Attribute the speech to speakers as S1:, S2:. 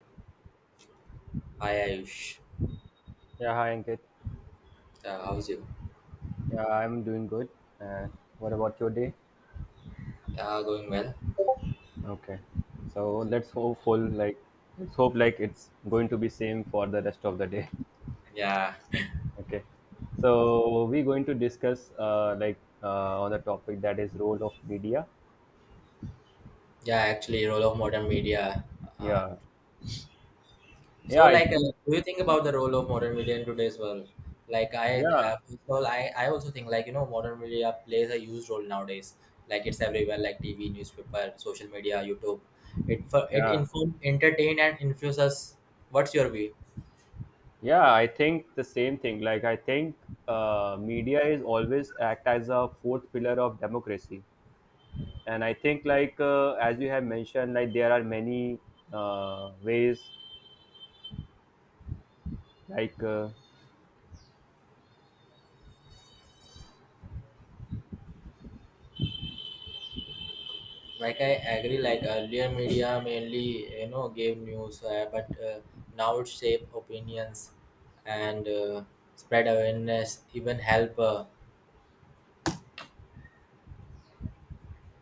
S1: Hi Ayush,
S2: Yeah, hi Ankit.
S1: how's you?
S2: Yeah, I'm doing good. And what about your day?
S1: Going well.
S2: Okay. So let's hope like it's going to be same for the rest of the day.
S1: Yeah,
S2: Okay. So we're going to discuss on the topic that is role of media.
S1: yeah. Actually, role of modern media. Uh,
S2: Yeah.
S1: so,
S2: Yeah, I
S1: like,
S2: think
S1: do you think about the role of modern media in today's world? Like, I,
S2: yeah.
S1: first of all, I also think, like, modern media plays a huge role nowadays. Like, it's everywhere, like TV, newspaper, social media, YouTube. It
S2: Yeah.
S1: inform, entertain, and infuse us. What's your view?
S2: Yeah, I think the same thing. Like I think Media is always act as a fourth pillar of democracy. And I think as you have mentioned like there are many ways like uh,
S1: Like, I agree, like earlier media mainly gave news, but now it shape opinions and spread awareness even help.